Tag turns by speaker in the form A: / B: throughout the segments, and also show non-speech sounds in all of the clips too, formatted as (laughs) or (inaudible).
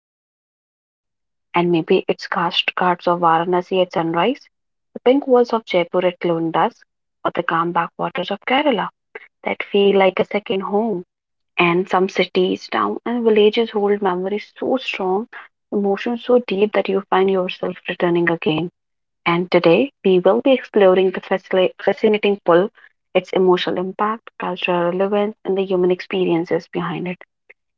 A: whispering your name? And maybe it's cast guards of Varanasi at sunrise, the pink walls of Jaipur at noon dusk, or the calm backwaters of Kerala that feel like a second home. And some cities, towns, and villages hold memories so strong, emotions so deep that you find yourself returning again. And today, we will be exploring the fascinating pull, its emotional impact, cultural relevance, and the human experiences behind it.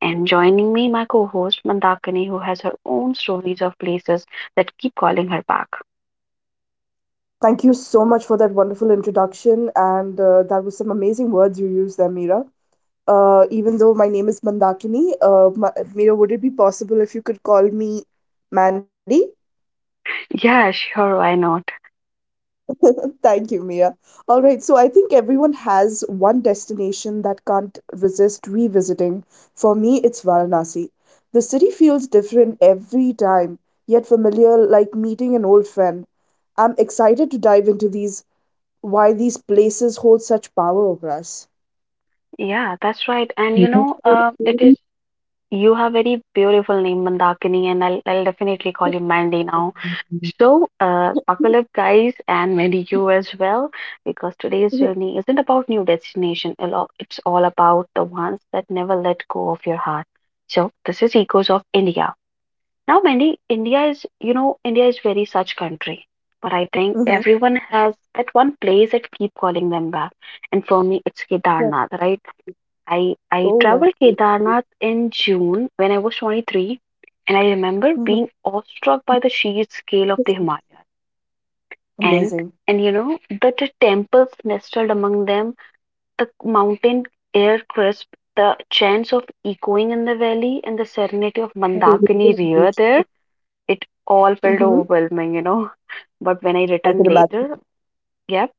A: And joining me, my co host Mandakini, who has her own stories of places that keep calling her back.
B: Thank you so much for that wonderful introduction, and that was some amazing words you used there, Mira. Even though my name is Mandakini, Mira, would it be possible if you could call me Mandy?
A: Yeah, sure, why not?
B: Thank you, Mira. All right, so I think everyone has one destination that can't resist revisiting. For me, it's Varanasi. The city feels different every time, yet familiar, like meeting an old friend. I'm excited to dive into these why these places hold such power over us.
A: Yeah, that's right. And it
B: Mhm.
A: is. You have very beautiful name, Mandakini, and I'll definitely call you Mandy now. So, buckle up, guys, and Mandy, you as well, because today's
B: Yeah.
A: journey isn't about new destination. It's all about the ones that never let go of your heart. So, this is Echoes of India. Now, Mandy, India is very such country, but I think
B: Uh-huh.
A: everyone has that one place that keep calling them back. And for me, it's
B: Right.
A: Kedarnath, right? I,
B: Oh,
A: I
B: yeah.
A: traveled Kedarnath in June when I was 23, and I remember
B: Mm-hmm.
A: being awestruck by the sheer scale of the Himalayas. And,
B: Amazing.
A: and you know, The temples nestled among them, the mountain air crisp, the chants of echoing in the valley, and the serenity of Mandakini River there, it all
B: Mm-hmm.
A: felt overwhelming, you know. (laughs) But when I
B: I can
A: returned
B: imagine.
A: later, yep.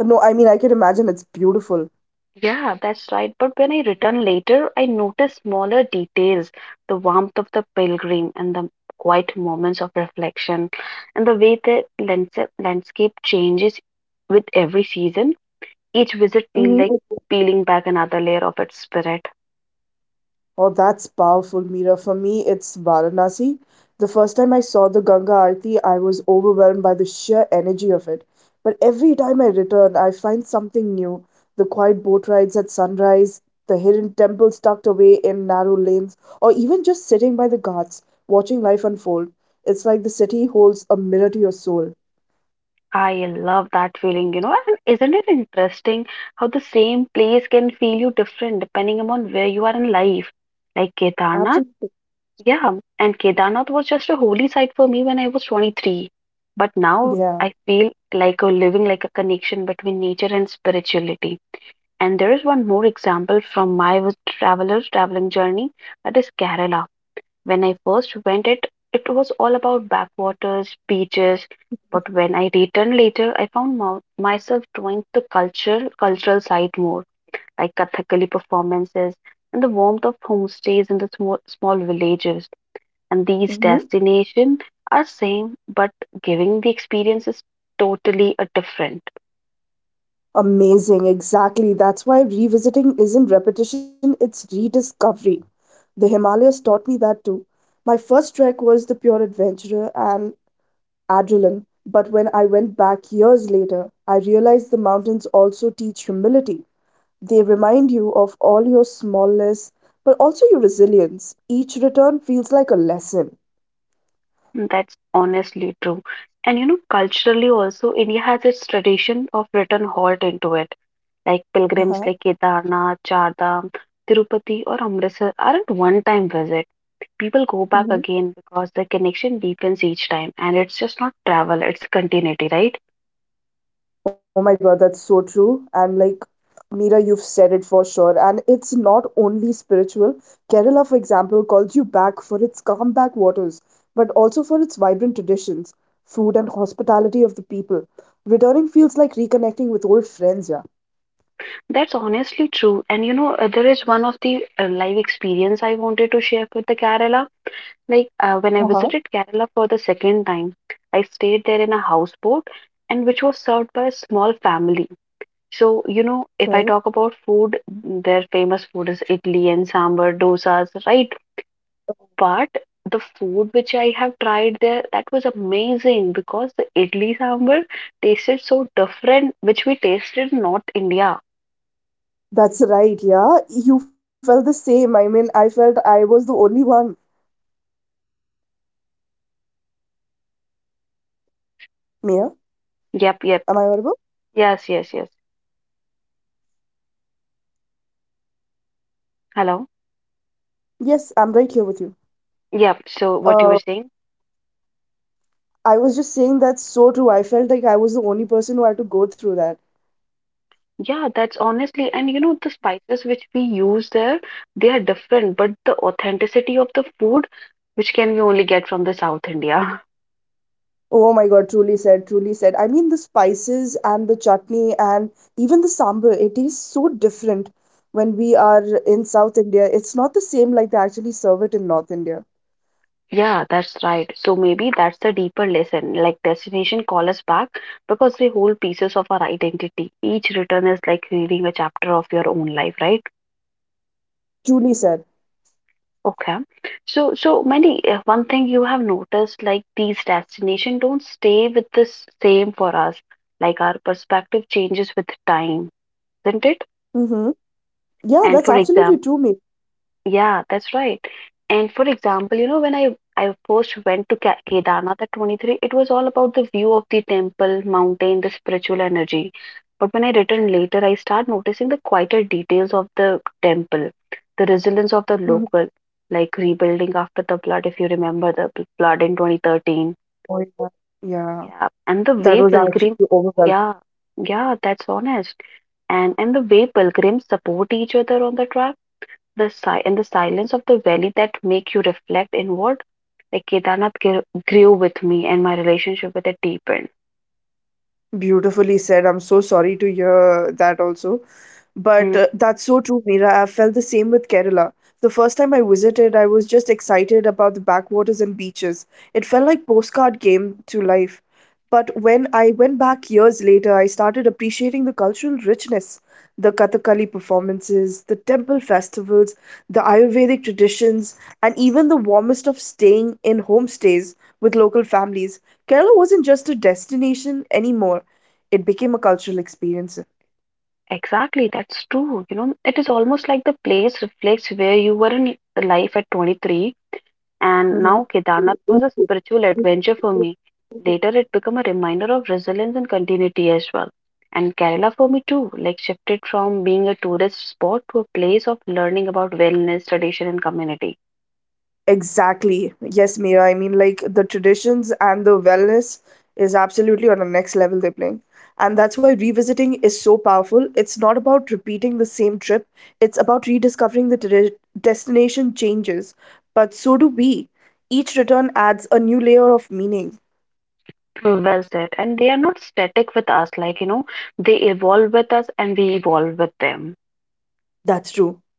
B: No, I mean, I can imagine it's beautiful.
A: Yeah, that's right. But when I return later, I notice smaller details, the warmth of the pilgrim and the quiet moments of reflection, and the way the landscape changes with every season. Each visit feels like
B: Mm-hmm.
A: peeling back another layer of its spirit.
B: Oh, that's powerful, Mira. For me, it's Varanasi. The first time I saw the Ganga Aarti, I was overwhelmed by the sheer energy of it. But every time I return, I find something new. The quiet boat rides at sunrise, the hidden temples tucked away in narrow lanes, or even just sitting by the ghats, watching life unfold. It's like the city holds a mirror to your soul.
A: I love that feeling. And isn't it interesting how the same place can feel you different depending upon where you are in life? Like Kedarnath.
B: Absolutely.
A: Yeah, and Kedarnath was just a holy site for me when I was 23. But now
B: Yeah.
A: I feel like a living like a connection between nature and spirituality. And there is one more example from my traveler's traveling journey, that is Kerala. When I first went it, it was all about backwaters, beaches. But when I returned later, I found myself drawing the cultural side more, like Kathakali performances and the warmth of homestays in the small, small villages and these
B: Mhm.
A: destinations are same but giving the experience is totally a different.
B: Amazing, exactly. That's why revisiting isn't repetition, it's rediscovery. The Himalayas taught me that too. My first trek was the pure adventurer and adrenaline, but when I went back years later, I realized the mountains also teach humility. They remind you of all your smallness, but also your resilience. Each return feels like a lesson.
A: Mm, that's honestly true. And culturally also india has its tradition of return halt into it, like pilgrims like
B: Uh-huh.
A: kedarnath chardham tirupati or amritsar aren't one time visit, people go back
B: Mm-hmm.
A: again because the connection deepens each time, and it's just not travel, it's continuity, right?
B: Oh my God, that's so true. And like, Meera, you've said it for sure. And it's not only spiritual. Kerala, for example, calls you back for its calm back waters, but also for its vibrant traditions, food, and hospitality of the people. Returning feels like reconnecting with old friends, yeah.
A: That's honestly true. And there is one of the live experience I wanted to share with the Kerala. When I
B: Uh-huh.
A: visited Kerala for the second time, I stayed there in a houseboat and which was served by a small family. So,
B: Right?
A: if I talk about food, their famous food is idli and sambar, dosas, right? But the food which I have tried there, that was amazing because the idli sambar tasted so different, which we tasted in North India.
B: That's right, yeah. You felt the same. I mean, I felt I was the only one. Mia,
A: Yep, yep.
B: am I audible?
A: Yes, yes, yes. Hello.
B: Yes, I'm right here with you.
A: Yep. So what you were
B: Uh,
A: saying?
B: I was just saying that's so true. I felt like I was the only person who had to go through that.
A: Yeah, that's honestly, and the spices which we use there, they are different, but the authenticity of the food, which can we only get from the South India. (laughs)
B: Oh my god, truly said, truly said. I mean, the spices and the chutney and even the sambar, it is so different when we are in South India. It's not the same like they actually serve it in North India.
A: Yeah, that's right. So maybe that's the deeper lesson. Like destination call us back because they hold pieces of our identity. Each return is like reading a chapter of your own life, right?
B: Truly said.
A: Okay. So, so Mandy, one thing you have noticed, like these destinations don't stay with the same for us. Like our perspective changes with time, isn't it?
B: Mm-hmm. Yeah,
A: And
B: that's
A: for
B: absolutely
A: example,
B: true, mate.
A: yeah, that's right. And for example, when I first went to Kedarnath at 23, it was all about the view of the temple, mountain, the spiritual energy. But when I returned later, I start noticing the quieter details of the temple, the resilience of the
B: Mhm.
A: local, like rebuilding after the flood, if you remember the flood in 2013.
B: Oh, yeah. Yeah,
A: Yeah, and the
B: that
A: way
B: was
A: pilgrim,
B: actually overwhelming.
A: yeah, yeah, that's honest. And the way pilgrims support each other on the travel the in the silence of the valley that make you reflect inward. Like Kedarnath grew with me, and my relationship with it deepened.
B: Beautifully said. I'm so sorry to hear that also.
A: Mm,
B: But that's so true, Mira. I felt the same with Kerala. The first time I visited, I was just excited about the backwaters and beaches. It felt like postcard came to life. But when I went back years later, I started appreciating the cultural richness, the Kathakali performances, the temple festivals, the Ayurvedic traditions, and even the warmest of staying in homestays with local families. Kerala wasn't just a destination anymore, it became a cultural experience.
A: exactly, that's true. It is almost like the place reflects where you were in life at 23, and now
B: Mhm.
A: Kedarnath was a spiritual adventure for me. Later, it became a reminder of resilience and continuity as well. And Kerala for me too, like shifted from being a tourist spot to a place of learning about wellness, tradition, and community.
B: Exactly. Yes, Mira. I mean, like the traditions and the wellness is absolutely on the next level they're playing. And that's why revisiting is so powerful. It's not about repeating the same trip, it's about rediscovering the destination changes. But so do we. Each return adds a new layer of meaning.
A: Well said. And they are not static with us, they evolve with us and we evolve with them.
B: That's true.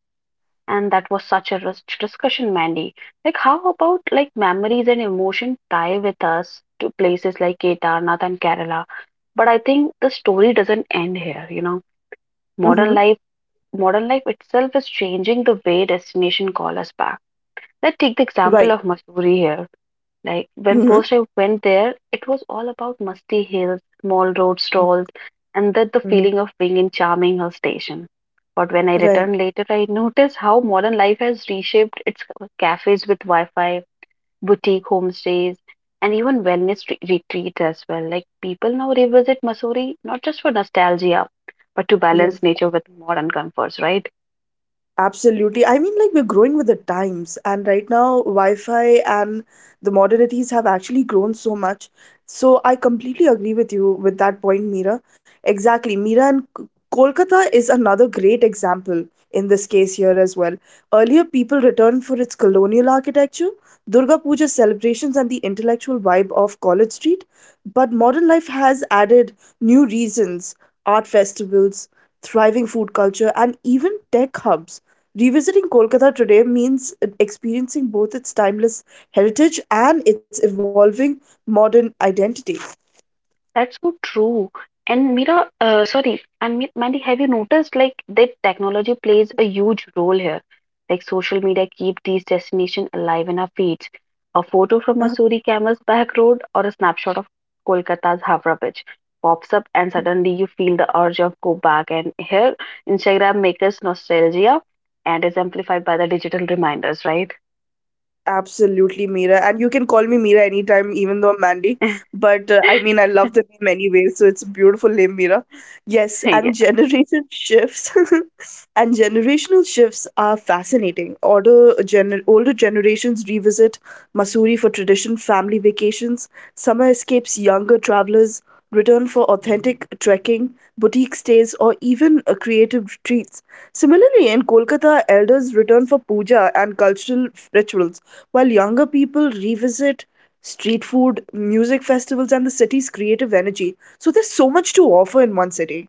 A: And that was such a rich discussion, Mandy. Like, how about like memories and emotion tie with us to places like Kedarnath and Kerala? But I think the story doesn't end here. Modern
B: Mm-hmm.
A: life, modern life itself is changing the way destination call us back. Let's take the example
B: Right.
A: of Mussoorie here. Like when
B: Mm-hmm.
A: first I went there, it was all about musty hills, small road stalls, and that the feeling
B: Mm-hmm.
A: of being in charming hill station. But when I returned
B: Right.
A: later, I noticed how modern life has reshaped its cafes with Wi-Fi, boutique homestays, and even wellness retreats as well. Like people now revisit Missouri not just for nostalgia, but to balance
B: Yes.
A: nature with modern comforts, right?
B: Absolutely. I mean, like, we're growing with the times, and right now, Wi Fi and the modernities have actually grown so much. So, I completely agree with you with that point, Mira. Exactly. Kolkata is another great example in this case here as well. Earlier, people returned for its colonial architecture, Durga Puja celebrations, and the intellectual vibe of College Street. But modern life has added new reasons, art festivals, thriving food culture, and even tech hubs. Revisiting Kolkata today means experiencing both its timeless heritage and its evolving modern identity.
A: That's so true. And Mira, sorry, and Mandy, have you noticed like that technology plays a huge role here? Like social media keep these destinations alive in our feeds. A photo from Missouri camel's back road or a snapshot of Kolkata's Havra Bridge pops up, and suddenly you feel the urge of go back. And here, Instagram makes us nostalgia, and is amplified by the digital reminders, right?
B: Absolutely, Meera. And you can call me Meera anytime, even though I'm Mandy.
A: (laughs)
B: But I mean, I love the name anyway, so it's a beautiful name, Meera. Yes,
A: Yeah.
B: and generation shifts (laughs) and generational shifts are fascinating. Older generations revisit Masuri for tradition family vacations, summer escapes, younger travelers return for authentic trekking, boutique stays, or even creative retreats. Similarly, in Kolkata, elders return for puja and cultural rituals while younger people revisit street food, music festivals, and the city's creative energy. So there's so much to offer in one city.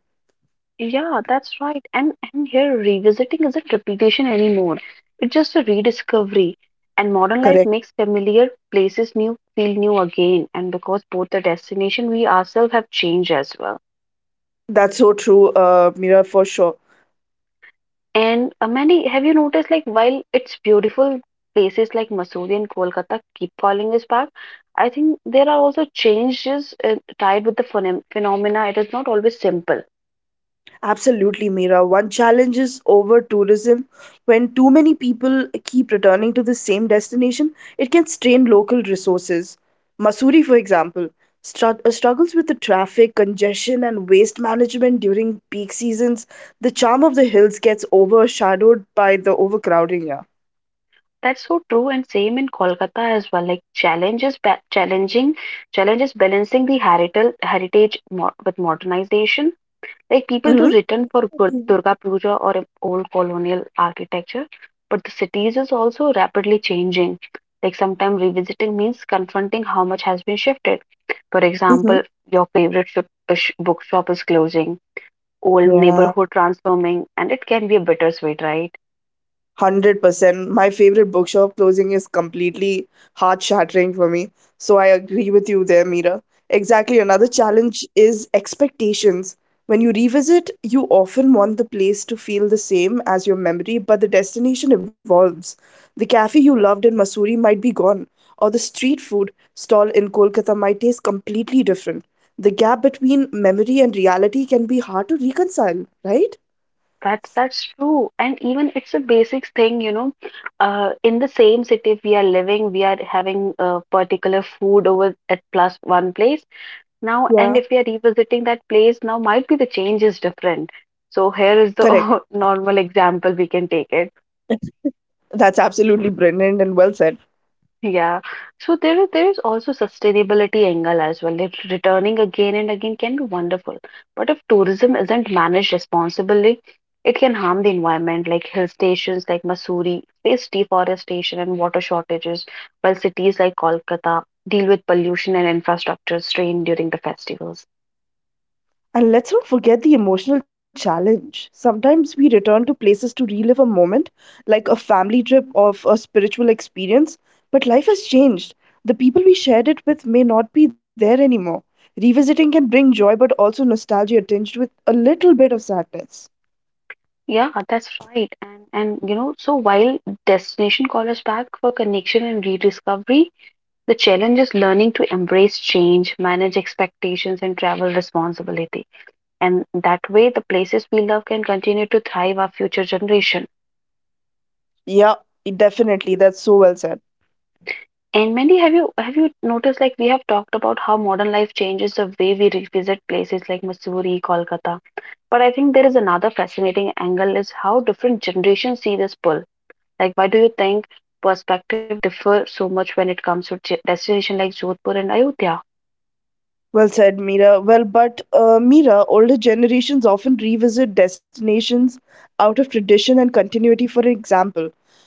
A: Yeah, that's right. And here revisiting isn't repetition anymore. It's just a rediscovery. And modern life
B: Correct.
A: makes familiar places new feel new again. And because both the destination we ourselves have changed as well.
B: That's so true, Mira, for sure.
A: And many have you noticed like while it's beautiful places like Mussoorie and Kolkata keep calling us back, I think there are also changes tied with the phenomena. It is not always simple.
B: Absolutely, Mira. One challenge is over tourism. When too many people keep returning to the same destination, it can strain local resources. Masuri, for example, struggles with the traffic, congestion, and waste management during peak seasons. The charm of the hills gets overshadowed by the overcrowding. Yeah.
A: That's so true, and same in Kolkata as well. Like challenges, ba- challenging challenges balancing the heritage with modernization. Like people do
B: Mm-hmm.
A: return for Durga Puja or old colonial architecture, but the cities is also rapidly changing. Like sometimes revisiting means confronting how much has been shifted. For
B: Mm-hmm.
A: example, your favorite shop, bookshop is closing, old
B: Yeah.
A: neighborhood transforming, and it can be a bittersweet, right?
B: 100%. My favorite bookshop closing is completely heart shattering for me. So I agree with you there, Mira. Exactly. Another
A: Yeah.
B: challenge is expectations. When you revisit, you often want the place to feel the same as your memory, but the destination evolves. The cafe you loved in Masuri might be gone, or the street food stall in Kolkata might taste completely different. The gap between memory and reality can be hard to reconcile, right?
A: That's true, and even it's a basic thing, in the same city we are living, we are having a particular food over at plus one place now, and if
B: Yeah.
A: we are revisiting that place now, might be the change is different. So here is
B: Correct.
A: the (laughs) normal example we can take it.
B: That's absolutely brilliant and well said.
A: Yeah. So there is also sustainability angle as well. That returning again and again can be wonderful. But if tourism isn't managed responsibly, it can harm the environment, like hill stations like Mussoorie face deforestation and water shortages, while cities like Kolkata deal with pollution and infrastructure strain during the festivals.
B: And let's not forget the emotional challenge. Sometimes we return to places to relive a moment, like a family trip or a spiritual experience, but life has changed. The people we shared it with may not be there anymore. Revisiting can bring joy but also nostalgia tinged with a little bit of sadness.
A: Yeah, that's right. And so while destination call us back for connection and rediscovery, the challenge is learning to embrace change, manage expectations, and travel responsibility. And that way, the places we love can continue to thrive our future generation.
B: Yeah, definitely. That's so well said.
A: And Mandy, have you noticed like we have talked about how modern life changes the way we revisit places like Missouri, Kolkata. But I think there is another fascinating angle is how different generations see this pull. Like, why do you think perspective differ so much when it comes to destination like Jodhpur and Ayodhya?
B: Well said, Mira. Well, but Mira, older generations often revisit destinations out of tradition and continuity. For example,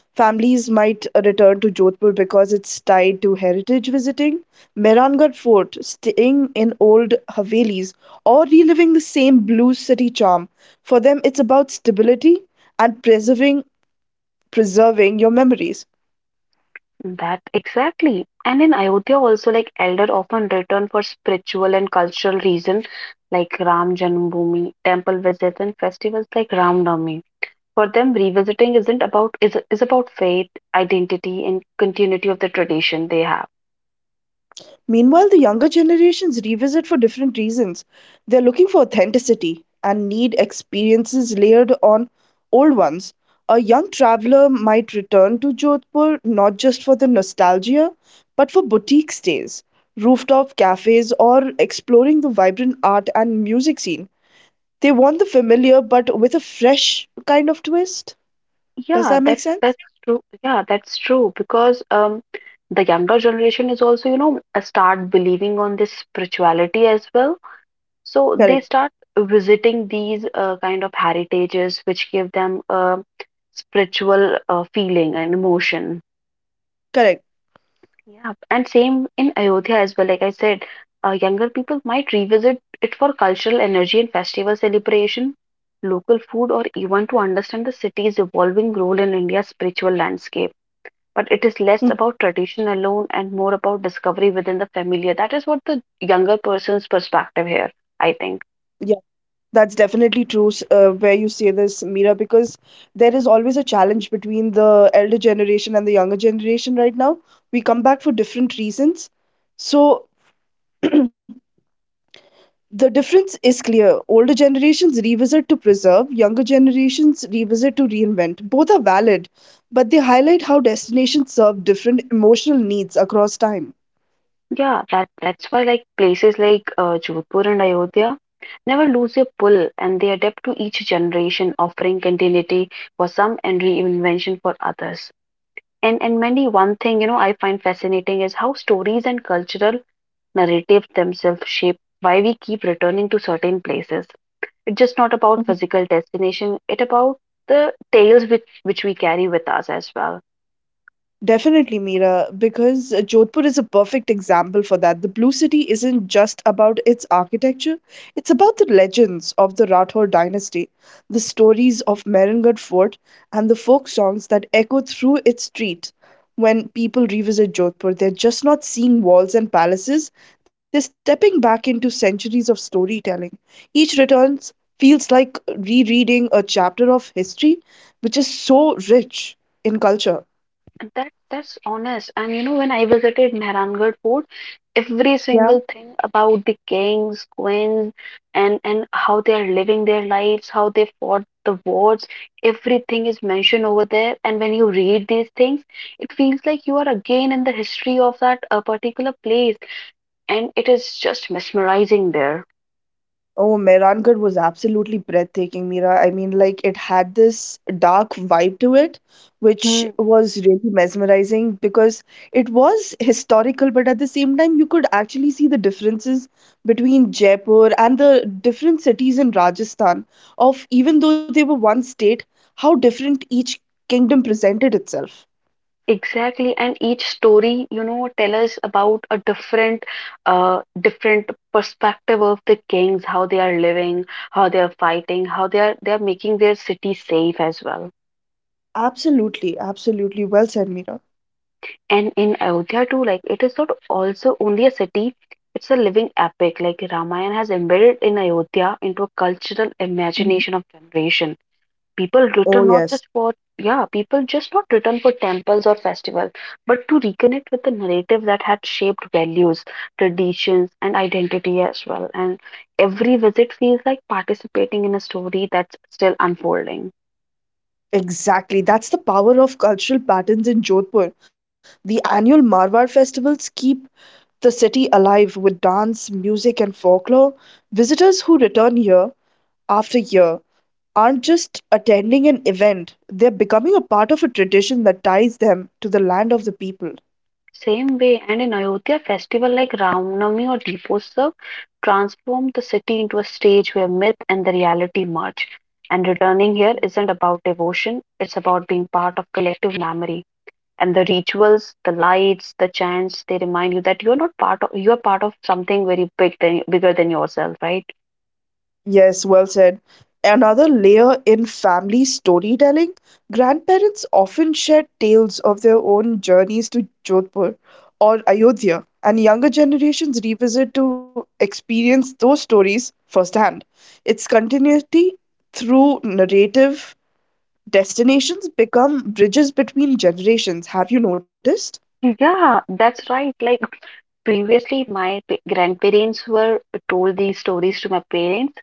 B: families might return to Jodhpur because it's tied to heritage visiting, Mehrangarh Fort, staying in old Havelis, or reliving the same blue city charm. For them, it's about stability and preserving your memories.
A: That exactly. And in Ayodhya also like elder often return for spiritual and cultural reason like Ram Janmabhoomi, temple visits and festivals like Ram Navami. For them revisiting isn't about is about faith, identity and continuity of the tradition they have.
B: Meanwhile, the younger generations revisit for different reasons. They're looking for authenticity and need experiences layered on old ones. A young traveler might return to Jodhpur not just for the nostalgia, but for boutique stays, rooftop cafes, or exploring the vibrant art and music scene. They want the familiar but with a fresh kind of twist. Does
A: Yeah,
B: that make
A: that's
B: sense?
A: that's true. Yeah, that's true because the younger generation is also, start believing on this spirituality as well. So they
B: Correct,
A: start visiting these kind of heritages, which give them a spiritual feeling and emotion.
B: correct.
A: Yeah, and same in Ayodhya as well. Like I said, younger people might revisit it for cultural energy and festival celebration, local food, or even to understand the city's evolving role in India's spiritual landscape. But it is less
B: Mhm.
A: about tradition alone and more about discovery within the familiar. That is what the younger person's perspective here, I think.
B: That's definitely true, where you say this, Mira, because there is always a challenge between the elder generation and the younger generation right now. We come back for different reasons. So the difference is clear. Older generations revisit to preserve, younger generations revisit to reinvent. Both are valid, but they highlight how destinations serve different emotional needs across time.
A: Yeah, that's why like places like Jodhpur and Ayodhya never lose their pull, and they adapt to each generation, offering continuity for some and reinvention for others. And many one thing, I find fascinating is how stories and cultural narratives themselves shape why we keep returning to certain places. It's just not about physical destination, it about the tales which we carry with us as well.
B: Definitely, Mira, because Jodhpur is a perfect example for that. The Blue City isn't just about its architecture, it's about the legends of the Rathore dynasty, the stories of Mehrangarh Fort, and the folk songs that echo through its streets. When people revisit Jodhpur, they're just not seeing walls and palaces, they're stepping back into centuries of storytelling. Each return feels like rereading a chapter of history, which is so rich in culture.
A: That that's honest. And you know, when I visited Mehrangarh Fort, every
B: Yeah.
A: single thing about the kings, queens, and how they are living their lives, how they fought the wars, everything is mentioned over there. And when you read these things, it feels like you are again in the history of that particular place, and it is just mesmerizing there.
B: Oh, Mehrangarh was absolutely breathtaking, Mira. I mean, like it had this dark vibe to it, which
A: Hmm.
B: was really mesmerizing because it was historical, but at the same time, you could actually see the differences between Jaipur and the different cities in Rajasthan of even though they were one state, how different each kingdom presented itself.
A: Exactly, and each story, you know, tell us about a different perspective of the kings, how they are living, how they are fighting, how they are making their city safe as well.
B: Absolutely, absolutely. Well said, Mira.
A: And in Ayodhya too, like it is not also only a city, it's a living epic. Like Ramayana has embedded in Ayodhya into a cultural
B: Mhm.
A: imagination of generation. People
B: Oh,
A: return
B: yes.
A: not just for, yeah, people just not return for temples or festivals, but to reconnect with the narrative that had shaped values, traditions, and identity as well. And every visit feels like participating in a story that's still unfolding.
B: Exactly. That's the power of cultural patterns in Jodhpur. The annual Marwar festivals keep the city alive with dance, music, and folklore. Visitors who return year after year aren't just attending an event, they're becoming a part of a tradition that ties them to the land of the people.
A: Same way, and in Ayodhya festival like Ram Navami or Deepotsava transformed the city into a stage where myth and the reality merge, and returning here isn't about devotion, it's about being part of collective memory. And the rituals, the lights, the chants, they remind you that you're not part of, you're part of something very big than bigger than yourself, right?
B: Yes, well said. Another layer in family storytelling, grandparents often share tales of their own journeys to Jodhpur or Ayodhya, and younger generations revisit to experience those stories firsthand. Its continuity through narrative destinations become bridges between generations. Have you noticed?
A: Yeah, that's right. Like previously my grandparents were told these stories to my parents.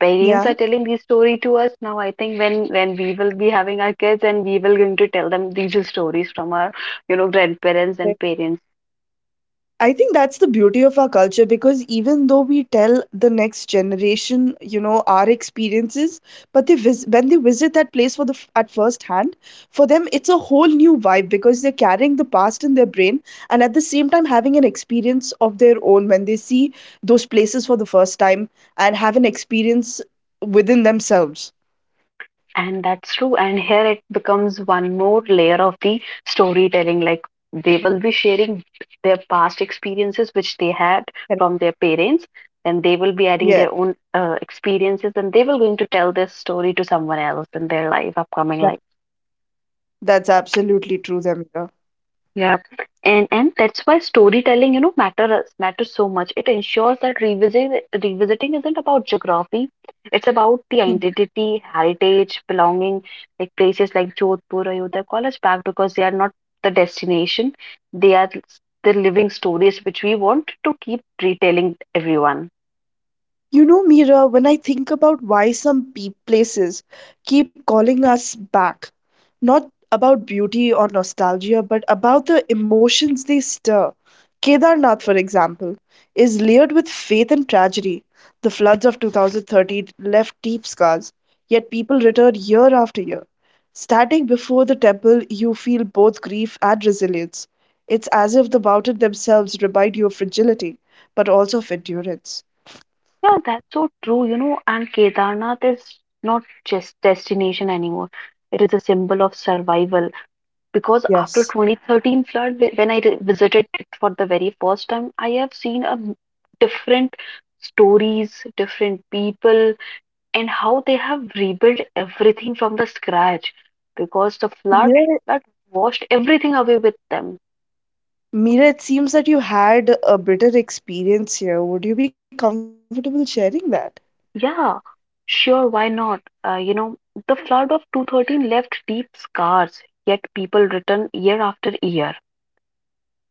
A: Parents are
B: Yeah.
A: telling these story to us now. I think when we will be having our kids, and we will going to tell them these stories from our, you know, grandparents and parents.
B: I think that's the beauty of our culture because even though we tell the next generation, our experiences, but when they visit that place for the at first hand, for them it's a whole new vibe because they're carrying the past in their brain and at the same time having an experience of their own when they see those places for the first time and have an experience within themselves.
A: And that's true. And here it becomes one more layer of the storytelling. Like they will be sharing their past experiences, which they had
B: Correct.
A: from their parents. Then they will be adding
B: Yeah,
A: their own experiences, and they will going to tell this story to someone else in their life, upcoming
B: that,
A: life.
B: that's absolutely true, Zamira.
A: Yeah, and that's why storytelling, you know, matters so much. It ensures that revisiting isn't about geography; it's about the
B: Hmm.
A: identity, heritage, belonging. Like places like Jodhpur, Ayodhya, call us back because they are not the destination; they are the living stories which we want to keep retelling everyone.
B: You know, Mira, when I think about why some places keep calling us back, not about beauty or nostalgia, but about the emotions they stir. Kedarnath, for example, is layered with faith and tragedy. The floods of 2013 left deep scars, yet people return year after year. Standing before the temple, you feel both grief and resilience. It's as if the mountains themselves remind you of fragility, but also of endurance.
A: Yeah, that's so true, you know. And Kedarnath is not just destination anymore; it is a symbol of survival because after
B: Yes.
A: 2013 flood when I visited it for the very first time, I have seen a different stories, different people, and how they have rebuilt everything from the scratch because the flood
B: Mira,
A: that washed everything away with them.
B: Mira, it seems that you had a bitter experience here. Would you be comfortable sharing that?
A: Yeah, sure, why not. You know, the flood of two thirteen left deep scars, yet people return year after year.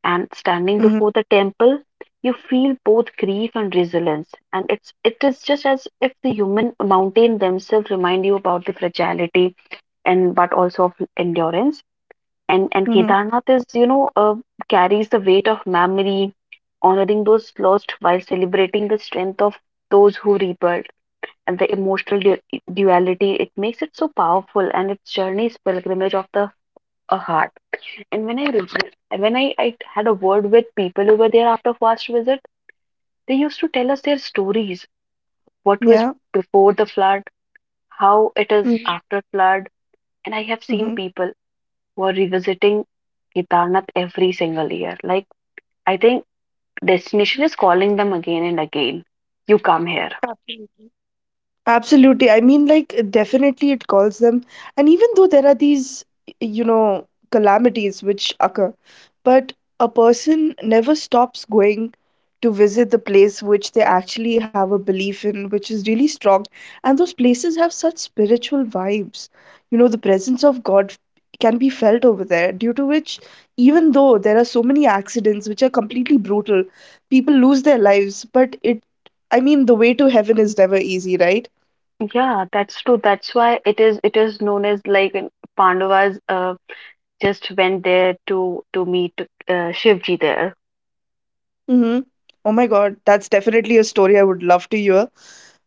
A: And standing
B: Mm-hmm.
A: before the temple, you feel both grief and resilience. And it is just as if the human mountain themselves remind you about the fragility, and but also of endurance. And
B: Mm-hmm.
A: Kedarnath is, you know, carries the weight of memory, honoring those lost while celebrating the strength of those who rebuilt. And the emotional duality, it makes it so powerful, and its journey is pilgrimage of the a heart. And when I reflect, when I had a word with people over there after first visit, they used to tell us their stories. What was
B: Yeah.
A: before the flood, how it is after flood, and I have seen
B: Mm-hmm.
A: people who are revisiting Kedarnath every single year. Like I think destination is calling them again and again. You come here.
B: Absolutely. I mean, like, definitely it calls them. And even though there are these, you know, calamities which occur, but a person never stops going to visit the place which they actually have a belief in, which is really strong. And those places have such spiritual vibes. You know, the presence of God can be felt over there, due to which, even though there are so many accidents which are completely brutal, people lose their lives, but it, I mean, the way to heaven is never easy, right?
A: Yeah, that's true. That's why it is known as like an- Pandavas just went there to meet Shivji there.
B: Mm-hmm. Oh my God, that's definitely a story I would love to hear.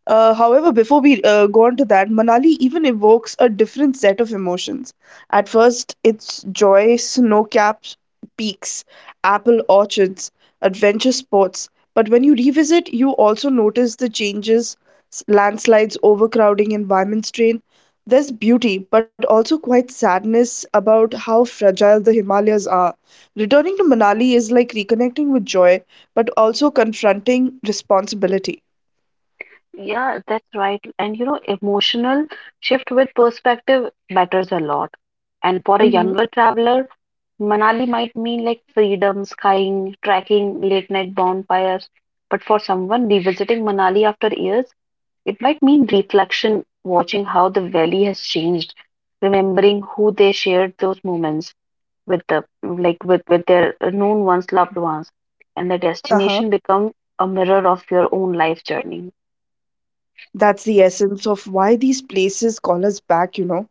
B: However, before we go on to that, Manali even evokes a different set of emotions. At first, it's joy, snow capped peaks, apple orchards, adventure sports. But when you revisit, you also notice the changes landslides, overcrowding, environment strain. There's beauty, but also quite sadness about how fragile the Himalayas are. Returning to Manali is like reconnecting with joy, but also confronting responsibility.
A: Yeah, that's right. And you know, emotional shift with perspective matters a lot. And for a
B: Mm-hmm.
A: younger traveler, Manali might mean like freedom, skying, trekking, late night bonfires. But for someone revisiting Manali after years, it might mean reflection, watching how the valley has changed, remembering who they shared those moments with the like with their known ones, loved ones, and the
B: Uh huh.
A: destination becomes a mirror of your own life journey.
B: That's the essence of why these places call us back, you know.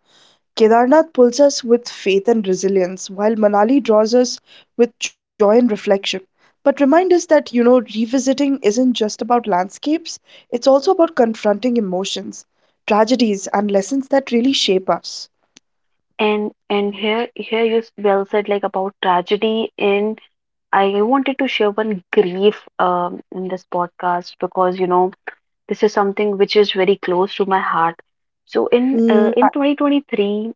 B: Kedarnath pulls us with faith and resilience, while Manali draws us with joy and reflection. But remind us that, you know, revisiting isn't just about landscapes, it's also about confronting emotions, tragedies, and lessons that really shape us.
A: And here you well said like about tragedy, and I wanted to share one grief in this podcast because you know this is something which is very close to my heart. So in
B: Mm, uh,
A: 2023,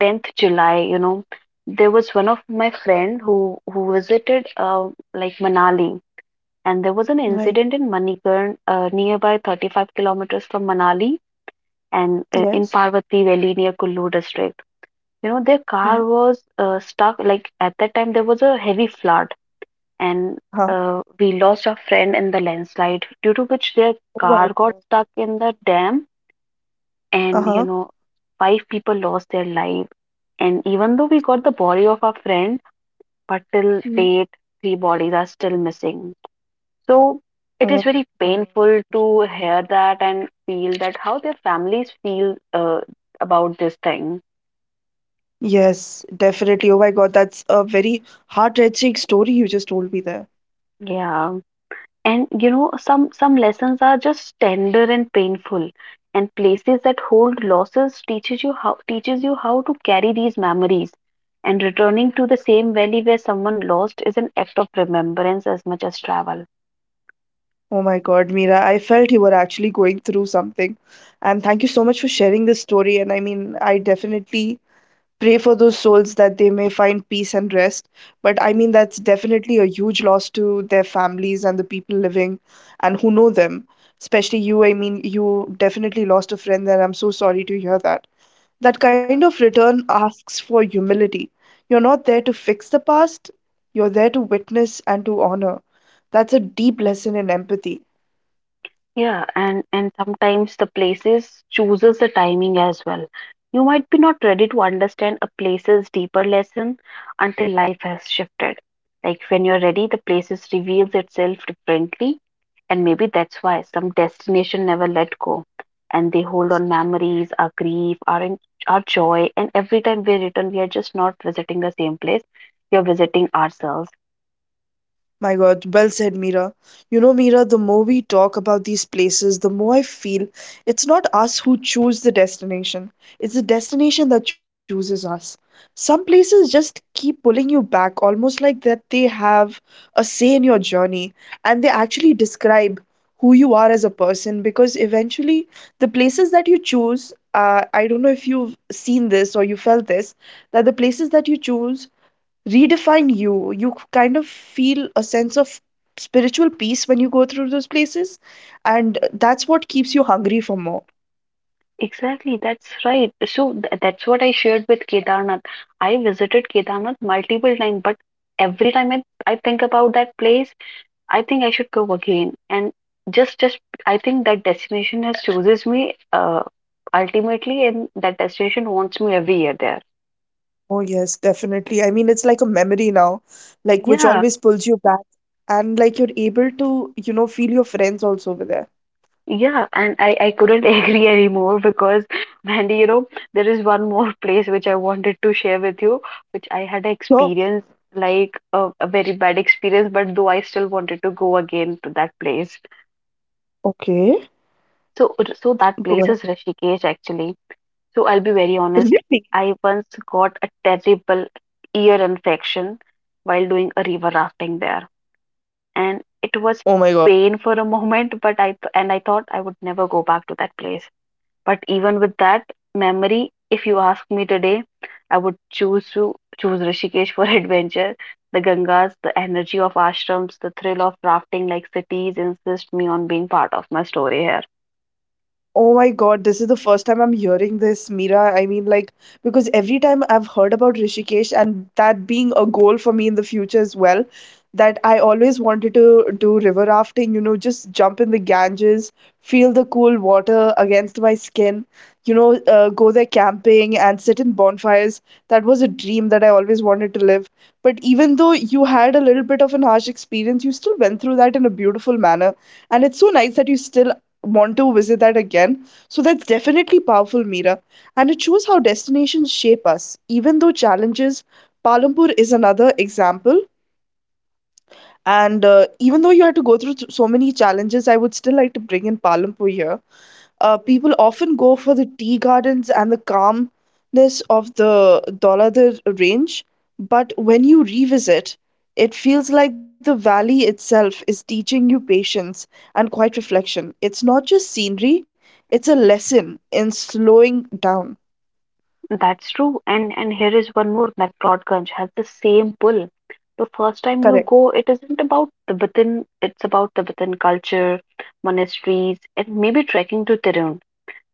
A: 10th July, you know, there was one of my friend who visited like Manali, and there was an
B: right.
A: incident in Manikarn nearby 35 kilometers from Manali, and in
B: Yes.
A: Parvati Valley near Kullu district. You know, their
B: Yeah.
A: car was stuck. Like at that time there was a heavy flood, and
B: Huh.
A: we lost our friend in the landslide due to which their
B: Oh my
A: car got
B: God.
A: stuck in the dam.
B: Uh
A: And
B: huh.
A: you know, five people lost their life, and even though we got the body of our friend, but till
B: Mm.
A: date three bodies are still missing. So it
B: Oh
A: is
B: my
A: very
B: God.
A: painful to hear that and feel that how their families feel about this thing.
B: Yes, definitely. Oh my God, that's a very heart-wrenching story you just told me there.
A: Yeah, and you know, some lessons are just tender and painful, and places that hold losses teaches you how to carry these memories. And returning to the same valley where someone lost is an act of remembrance as much as travel.
B: Oh my God, Mira, I felt you were actually going through something. And thank you so much for sharing this story. And I mean, I definitely pray for those souls that they may find peace and rest. But I mean, that's definitely a huge loss to their families and the people living and who know them. Especially you, I mean, you definitely lost a friend there. I'm so sorry to hear that. That kind of return asks for humility. You're not there to fix the past, you're there to witness and to honor. That's a deep lesson in empathy.
A: Yeah, and sometimes the places chooses the timing as well. You might be not ready to understand a place's deeper lesson until life has shifted. Like when you're ready, the places reveals itself differently, and maybe that's why some destination never let go, and they hold on memories, our grief, our joy, and every time we return, we are just not visiting the same place. We are visiting ourselves.
B: My God, well said, Mira. You know, Mira, the more we talk about these places, the more I feel it's not us who choose the destination, it's the destination that chooses us. Some places just keep pulling you back, almost like that they have a say in your journey and they actually describe who you are as a person because eventually the places that you choose. I don't know if you've seen this or you felt this, that the places that you choose redefine you. You kind of feel a sense of spiritual peace when you go through those places, and that's what keeps you hungry for more.
A: Exactly, that's right. So that's what I shared with Kedarnath. I visited Kedarnath multiple times, but every time I think about that place, I think I should go again. And just I think that destination has chooses me ultimately, and that destination wants me every year there.
B: Oh, yes, definitely. I mean, it's like a memory now, like which
A: Yeah.
B: always pulls you back, and like you're able to, you know, feel your friends also over there.
A: Yeah, and I couldn't (laughs) agree anymore because, Mandy, you know, there is one more (laughs) place which I wanted to share with you, which I had
B: So,
A: experience like a very bad experience, but though I still wanted to go again to that place.
B: okay,
A: So, so that
B: go
A: place
B: ahead.
A: is
B: (laughs)
A: Rishikesh actually. So I'll be very honest,
B: Really?
A: I once got a terrible ear infection while doing a river rafting there, and it
B: Oh my
A: was
B: God.
A: pain for a (laughs) moment, but I th and I thought I would never go back to that place. But even with that memory, if you ask me today, I would choose to choose Rishikesh for (laughs) adventure. The Gangas, the energy of ashrams, the thrill of rafting like cities insist me on being part of my story here.
B: Oh my God, this is the first time I'm hearing this, Mira. I mean, like, because every time I've heard about Rishikesh and that being a goal for me in the future as well, that I always wanted to do river rafting, you know, just jump in the Ganges, feel the cool water against my skin, you know, go there camping and sit in bonfires. That was a dream that I always wanted to live. But even though you had a little bit of an harsh experience, you still went through that in a beautiful manner. And it's so nice that you still want to visit that again. So that's definitely powerful, Mira. And it shows how destinations shape us. Even though challenges, Palampur is another example. And even though you had to go through so many challenges, I would still like to bring in Palampur here. People often go for the tea gardens and the calmness of the Dholathar range, but when you revisit, it feels like the valley itself is teaching you patience and quiet reflection. It's not just scenery, it's a lesson in slowing down.
A: That's true. And here is one more that Broadganj has the same pull. The first time you
B: Correct.
A: go, it isn't about Tibetan, it's about Tibetan culture, monasteries, and maybe trekking to Tirun.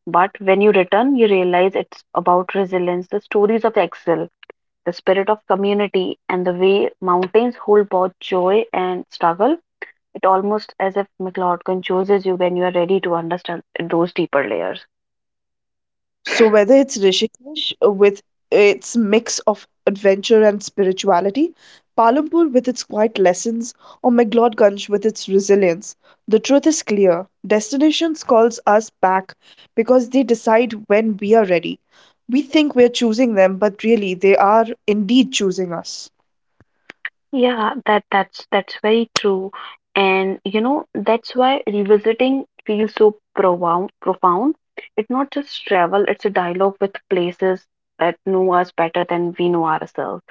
A: But when you return, you realize it's about resilience, the stories of exile, the spirit of community, and the way mountains hold both joy and struggle. It almost as if McLeod chooses you when you are ready to understand those deeper layers.
B: So whether it's Rishikesh with its mix of adventure and spirituality, Palumpur with its quiet lessons, or McLeodgunj with its resilience, the truth is clear. Destinations calls us back because they decide when we are ready. We think we're choosing them, but really they are indeed choosing us.
A: Yeah, that's very true. And you know, that's why revisiting feels so profound. It's not just travel, it's a dialogue with places that know us better than we know ourselves.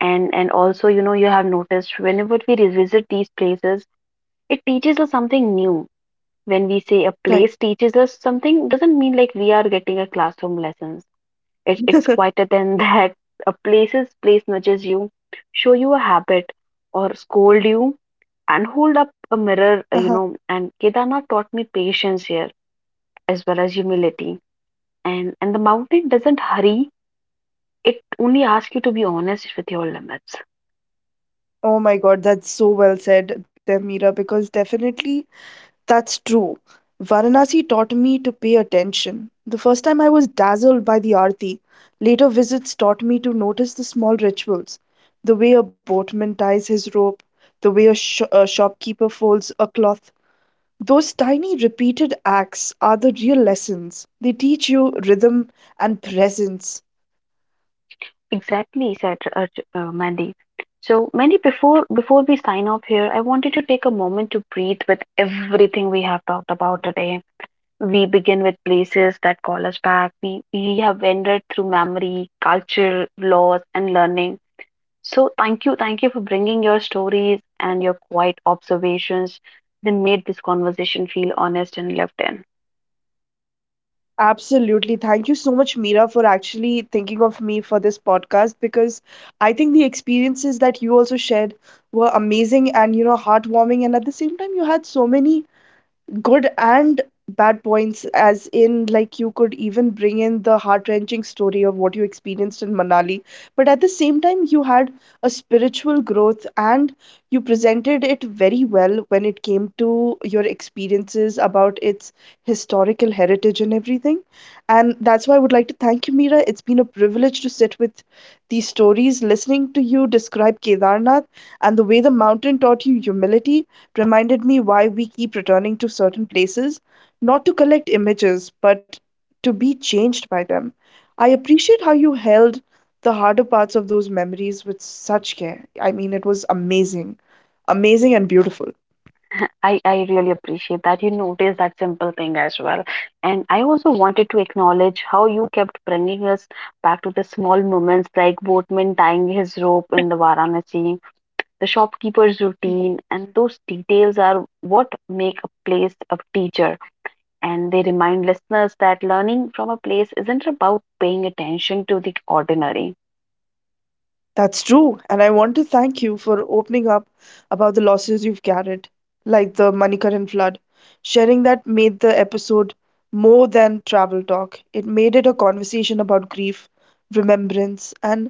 A: And also, you know, you have noticed whenever we revisit these places, it teaches us something new. When we say a
B: Right.
A: place teaches us something, doesn't mean like we are getting a classroom lessons. It's quieter than (laughs) that. A place nudges you, show you a habit, or scold you, and hold up a
B: Uh-huh.
A: mirror, you know. And Kedarnath taught me patience here, as well as humility. And the mountain doesn't hurry. It only asks you to be honest with your limits.
B: Oh my God, that's so well said there, Meera, because definitely that's true. Varanasi taught me to pay attention. The first time I was dazzled by the aarti. Later visits taught me to notice the small rituals, the way a boatman ties his rope, the way a shopkeeper folds a cloth. Those tiny repeated acts are the real lessons. They teach you rhythm and presence.
A: Exactly, said Mandy. So, Mandy, before we sign off here, I wanted to take a moment to breathe with everything we have talked about today. We begin with places that call us back. We have wandered through memory, culture, laws, and learning. So, thank you. Thank you for bringing your stories and your quiet observations that made this conversation feel honest and lived in.
B: Absolutely. Thank you so much, Mira, for actually thinking of me for this podcast because I think the experiences that you also shared were amazing and, you know, heartwarming. And at the same time, you had so many good and bad points as in like you could even bring in the heart-wrenching story of what you experienced in Manali but at the same time you had a spiritual growth and you presented it very well when it came to your experiences about its historical heritage and everything and that's why I would like to thank you, Mira. It's been a privilege to sit with these stories listening to you describe Kedarnath and the way the mountain taught you humility reminded me why we keep returning to certain places, not to collect images, but to be changed by them. I appreciate how you held the harder parts of those memories with such care. I mean, it was amazing, amazing and beautiful.
A: I really appreciate that you noticed that simple thing as well. And I also wanted to acknowledge how you kept bringing us back to the small moments like boatman tying his rope in the Varanasi, the shopkeeper's routine, and those details are what make a place a teacher. And they remind listeners that learning from a place isn't about paying attention to the ordinary.
B: That's true, and I want to thank you for opening up about the losses you've carried, like the Manikaran flood. Sharing that made the episode more than travel talk. It made it a conversation about grief, remembrance, and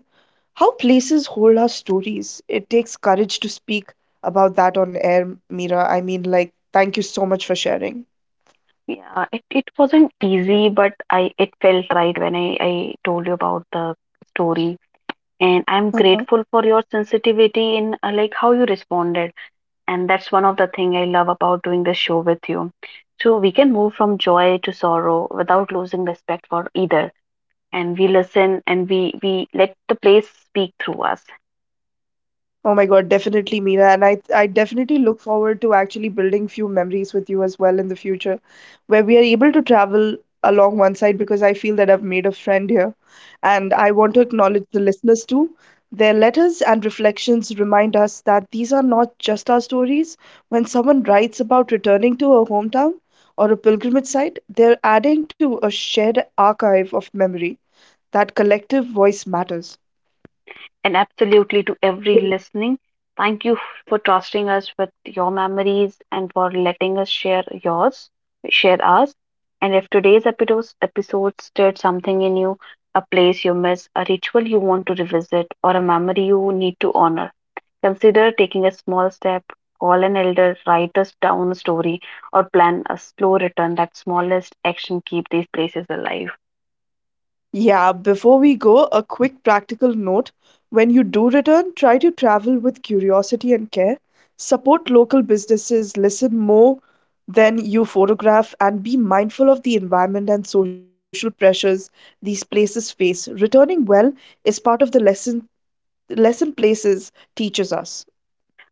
B: how places hold our stories. It takes courage to speak about that on air, Mira. I mean, like, thank you so much for sharing.
A: Yeah, it wasn't easy, but I it felt right when I told you about the story. And I'm grateful for your sensitivity in like how you responded. And that's one of the thing I love about doing this show with you. So we can move from joy to sorrow without losing respect for either. And we listen, and we let the place speak through us.
B: Oh my God, definitely, Meera. And I definitely look forward to actually building few memories with you as well in the future, where we are able to travel along one side because I feel that I've made a friend here. And I want to
A: Yeah.
B: acknowledge the listeners too. Their letters and reflections remind us that these are not just our stories. When someone writes about returning to a hometown or a pilgrimage site, they're adding to a shared archive of memory. That collective voice matters.
A: And absolutely, to every listening, thank you for trusting us with your memories and for letting us share yours, share us. And if today's episode stirred something in you, a place you miss, a ritual you want to revisit, or a memory you need to honor, consider taking a small step. Call an elder, write us down a story, or plan a slow return. That smallest action keep these places alive.
B: Yeah, before we go, a quick practical note. When you do return, try to travel with curiosity and care. Support local businesses, listen more than you photograph, and be mindful of the environment and social pressures these places face. Returning well is part of the lesson places teaches us.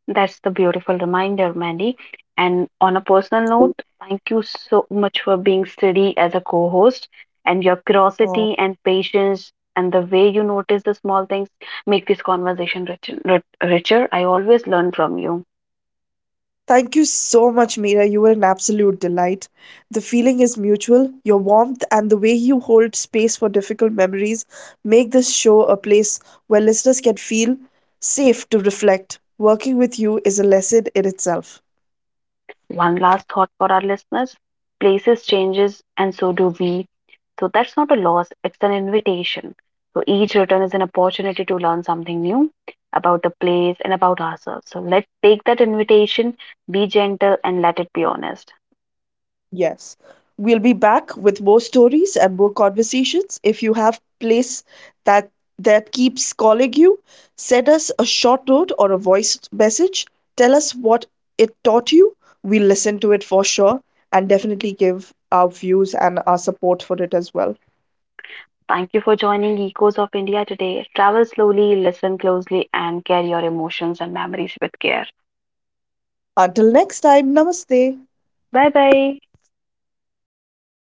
A: That's the beautiful reminder, Mandy. And on a personal note, thank you so much for being steady as a co host. And your curiosity and patience and the way you notice the small things make this conversation richer. I always learn from you.
B: Thank you so much, Mira. You were an absolute delight. The feeling is mutual. Your warmth and the way you hold space for difficult memories make this show a place where listeners can feel safe to reflect. Working with you is a lesson in itself.
A: One last thought for our listeners, places changes, and so do we. So that's not a loss, it's an invitation. So each return is an opportunity to learn something new about the place and about ourselves. So let's take that invitation, be gentle, and let it be honest.
B: Yes. We'll be back with more stories and more conversations. If you have place that that keeps calling you, send us a short note or a voice message. Tell us what it taught you. We'll listen to it for sure and definitely give our views and our support for it as well.
A: Thank you for joining Echoes of India today. Travel slowly, listen closely, and carry your emotions and memories with care.
B: Until next time, namaste.
A: Bye bye.
B: Bye.